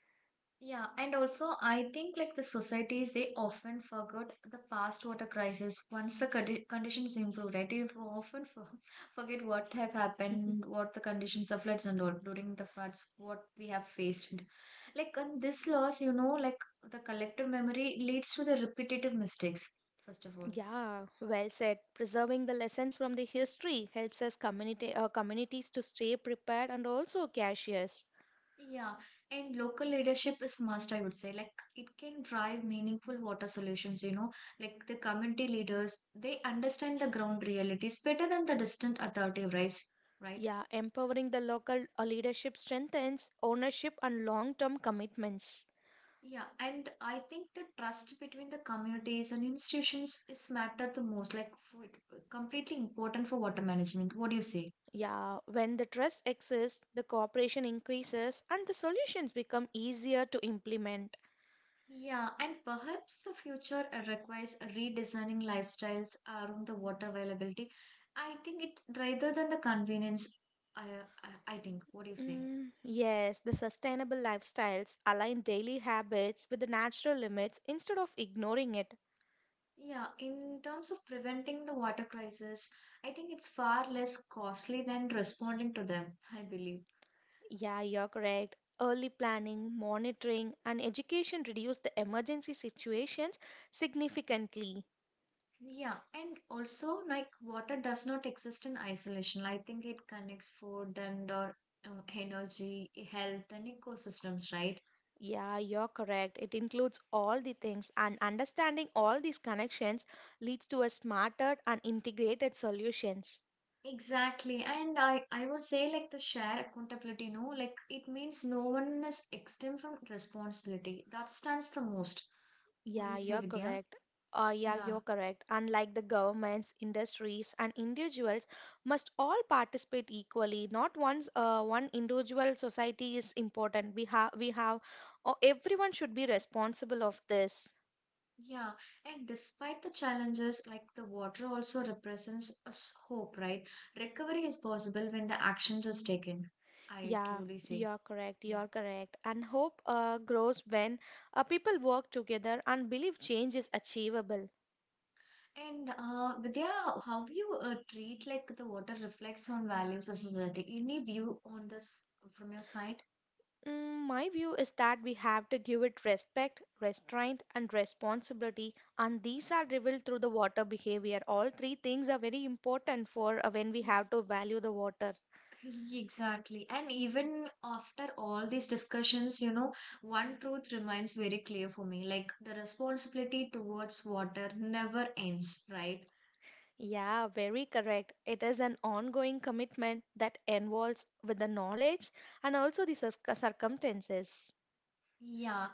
Yeah, and also I think like the societies they often forgot the past water crisis. Once the condi- conditions improve, right? They often for- forget what have
Mhm.
happened, what the conditions of floods and all during the floods, what we have faced. Like on this loss, you know, like the collective memory leads to the repetitive mistakes. First of all,
Yeah, well said. Preserving the lessons from the history helps us community uh, communities to stay prepared and also cautious.
yeah, and local leadership is must, I would say. Like it can drive meaningful water solutions, you know, like the community leaders, they understand the ground realities better than the distant authority rights, right?
Yeah, empowering the local uh, leadership strengthens ownership and long term commitments.
Yeah, and I think the trust between the communities and institutions is matter the most, like for, completely important for water management. What do you say?
Yeah, when the trust exists, the cooperation increases and the solutions become easier to implement.
Yeah, and perhaps the future uh, requires redesigning lifestyles around the water availability. I think it's rather than the convenience. I, I I think. What do you say?
Mm, yes, the sustainable lifestyles align daily habits with the natural limits instead of ignoring it.
Yeah, in terms of preventing the water crisis, I think it's far less costly than responding to them, I believe.
Yeah, you're correct. Early planning, monitoring, and education reduce the emergency situations significantly.
Yeah, and also like water does not exist in isolation. I think it connects food and or uh, energy, health, and ecosystems, right?
Yeah, you're correct. It includes all the things, and understanding all these connections leads to a smarter and integrated solutions.
Exactly. And I, I would say like the share accountability, no, like it means no one is exempt from responsibility. That stands the most. What do you
Yeah,
say,
you're
Vidya?
correct. Uh, yeah,
Yeah,
you're correct. Unlike the governments, industries, and individuals must all participate equally. Not one's uh, one individual society is important. We have we have uh, everyone should be responsible of this.
yeah. And despite the challenges, like the water also represents us hope, right? Recovery is possible when the action is taken. I
Yeah,
truly say.
you're correct.
Yeah.
You're correct. And hope uh, grows when uh, people work together and believe change is achievable.
And uh, Vidya, how you uh, treat like the water reflects on values of society? Any view on this from your side?
Mm, my view is that we have to give it respect, restraint, and responsibility, and these are revealed through the water behavior. All three things are very important for uh, when we have to value the water.
Exactly. And even after all these discussions, you know, one truth remains very clear for me. Like the responsibility towards water never ends, right?
Yeah, very correct. It is an ongoing commitment that involves with the knowledge and also the circ- circumstances.
Yeah,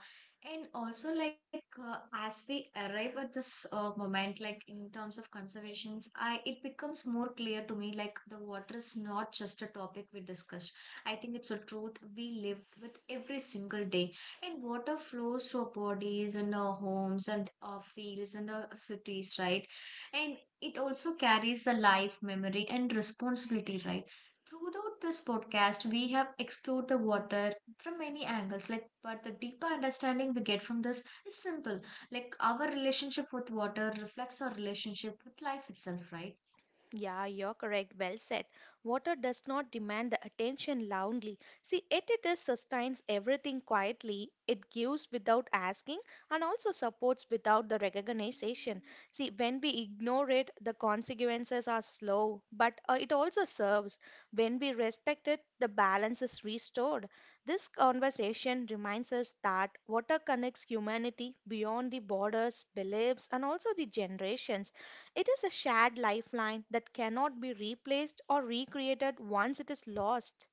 and also like uh, as we arrive at this uh, moment, like in terms of conservations, I it becomes more clear to me like the water is not just a topic we discussed. I think it's a truth we live with every single day. And water flows through our bodies and our homes and our fields and our cities, right? And it also carries the life, memory, and responsibility, right? Throughout this podcast, we have explored the water from many angles, like but the deeper understanding we get from this is simple, like our relationship with water reflects our relationship with life itself, right?
Yeah, you're correct. Well said. Water does not demand the attention loudly. See, it, it is sustains everything quietly. It gives without asking and also supports without the recognition. See, when we ignore it, the consequences are slow, but uh, it also serves. When we respect it, the balance is restored. This conversation reminds us that water connects humanity beyond the borders, beliefs, and also the generations. It is a shared lifeline that cannot be replaced or recreated once it is lost.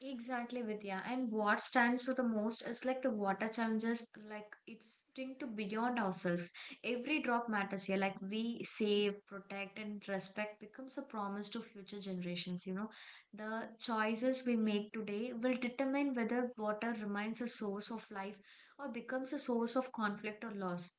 Exactly, Vidya. And what stands to the most is like the water challenges, like it's thing to beyond ourselves. Every drop matters here. Like we save, protect, and respect becomes a promise to future generations. You know, the choices we make today will determine whether water remains a source of life or becomes a source of conflict or loss,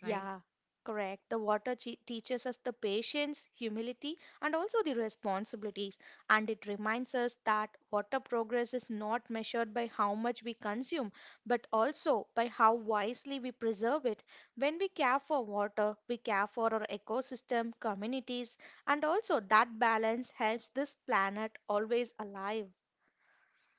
right?
correct. The water che- teaches us the patience, humility, and also the responsibilities. And it reminds us that water progress is not measured by how much we consume, but also by how wisely we preserve it. When we care for water, we care for our ecosystem, communities, and also that balance helps this planet always alive.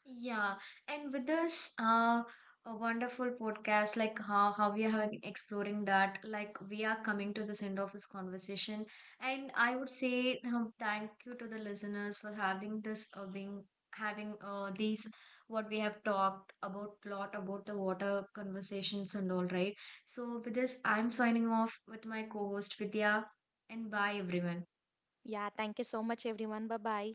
Yeah, and with this uh, a wonderful podcast, like how, how we have been exploring that, like we are coming to this end of this conversation. And I would say um, thank you to the listeners for having this, uh, being having uh, these what we have talked about a lot about the water conversations and all, right? So with this, I'm signing off with my co-host Vidya, and bye everyone.
Yeah, thank you so much, everyone. Bye bye.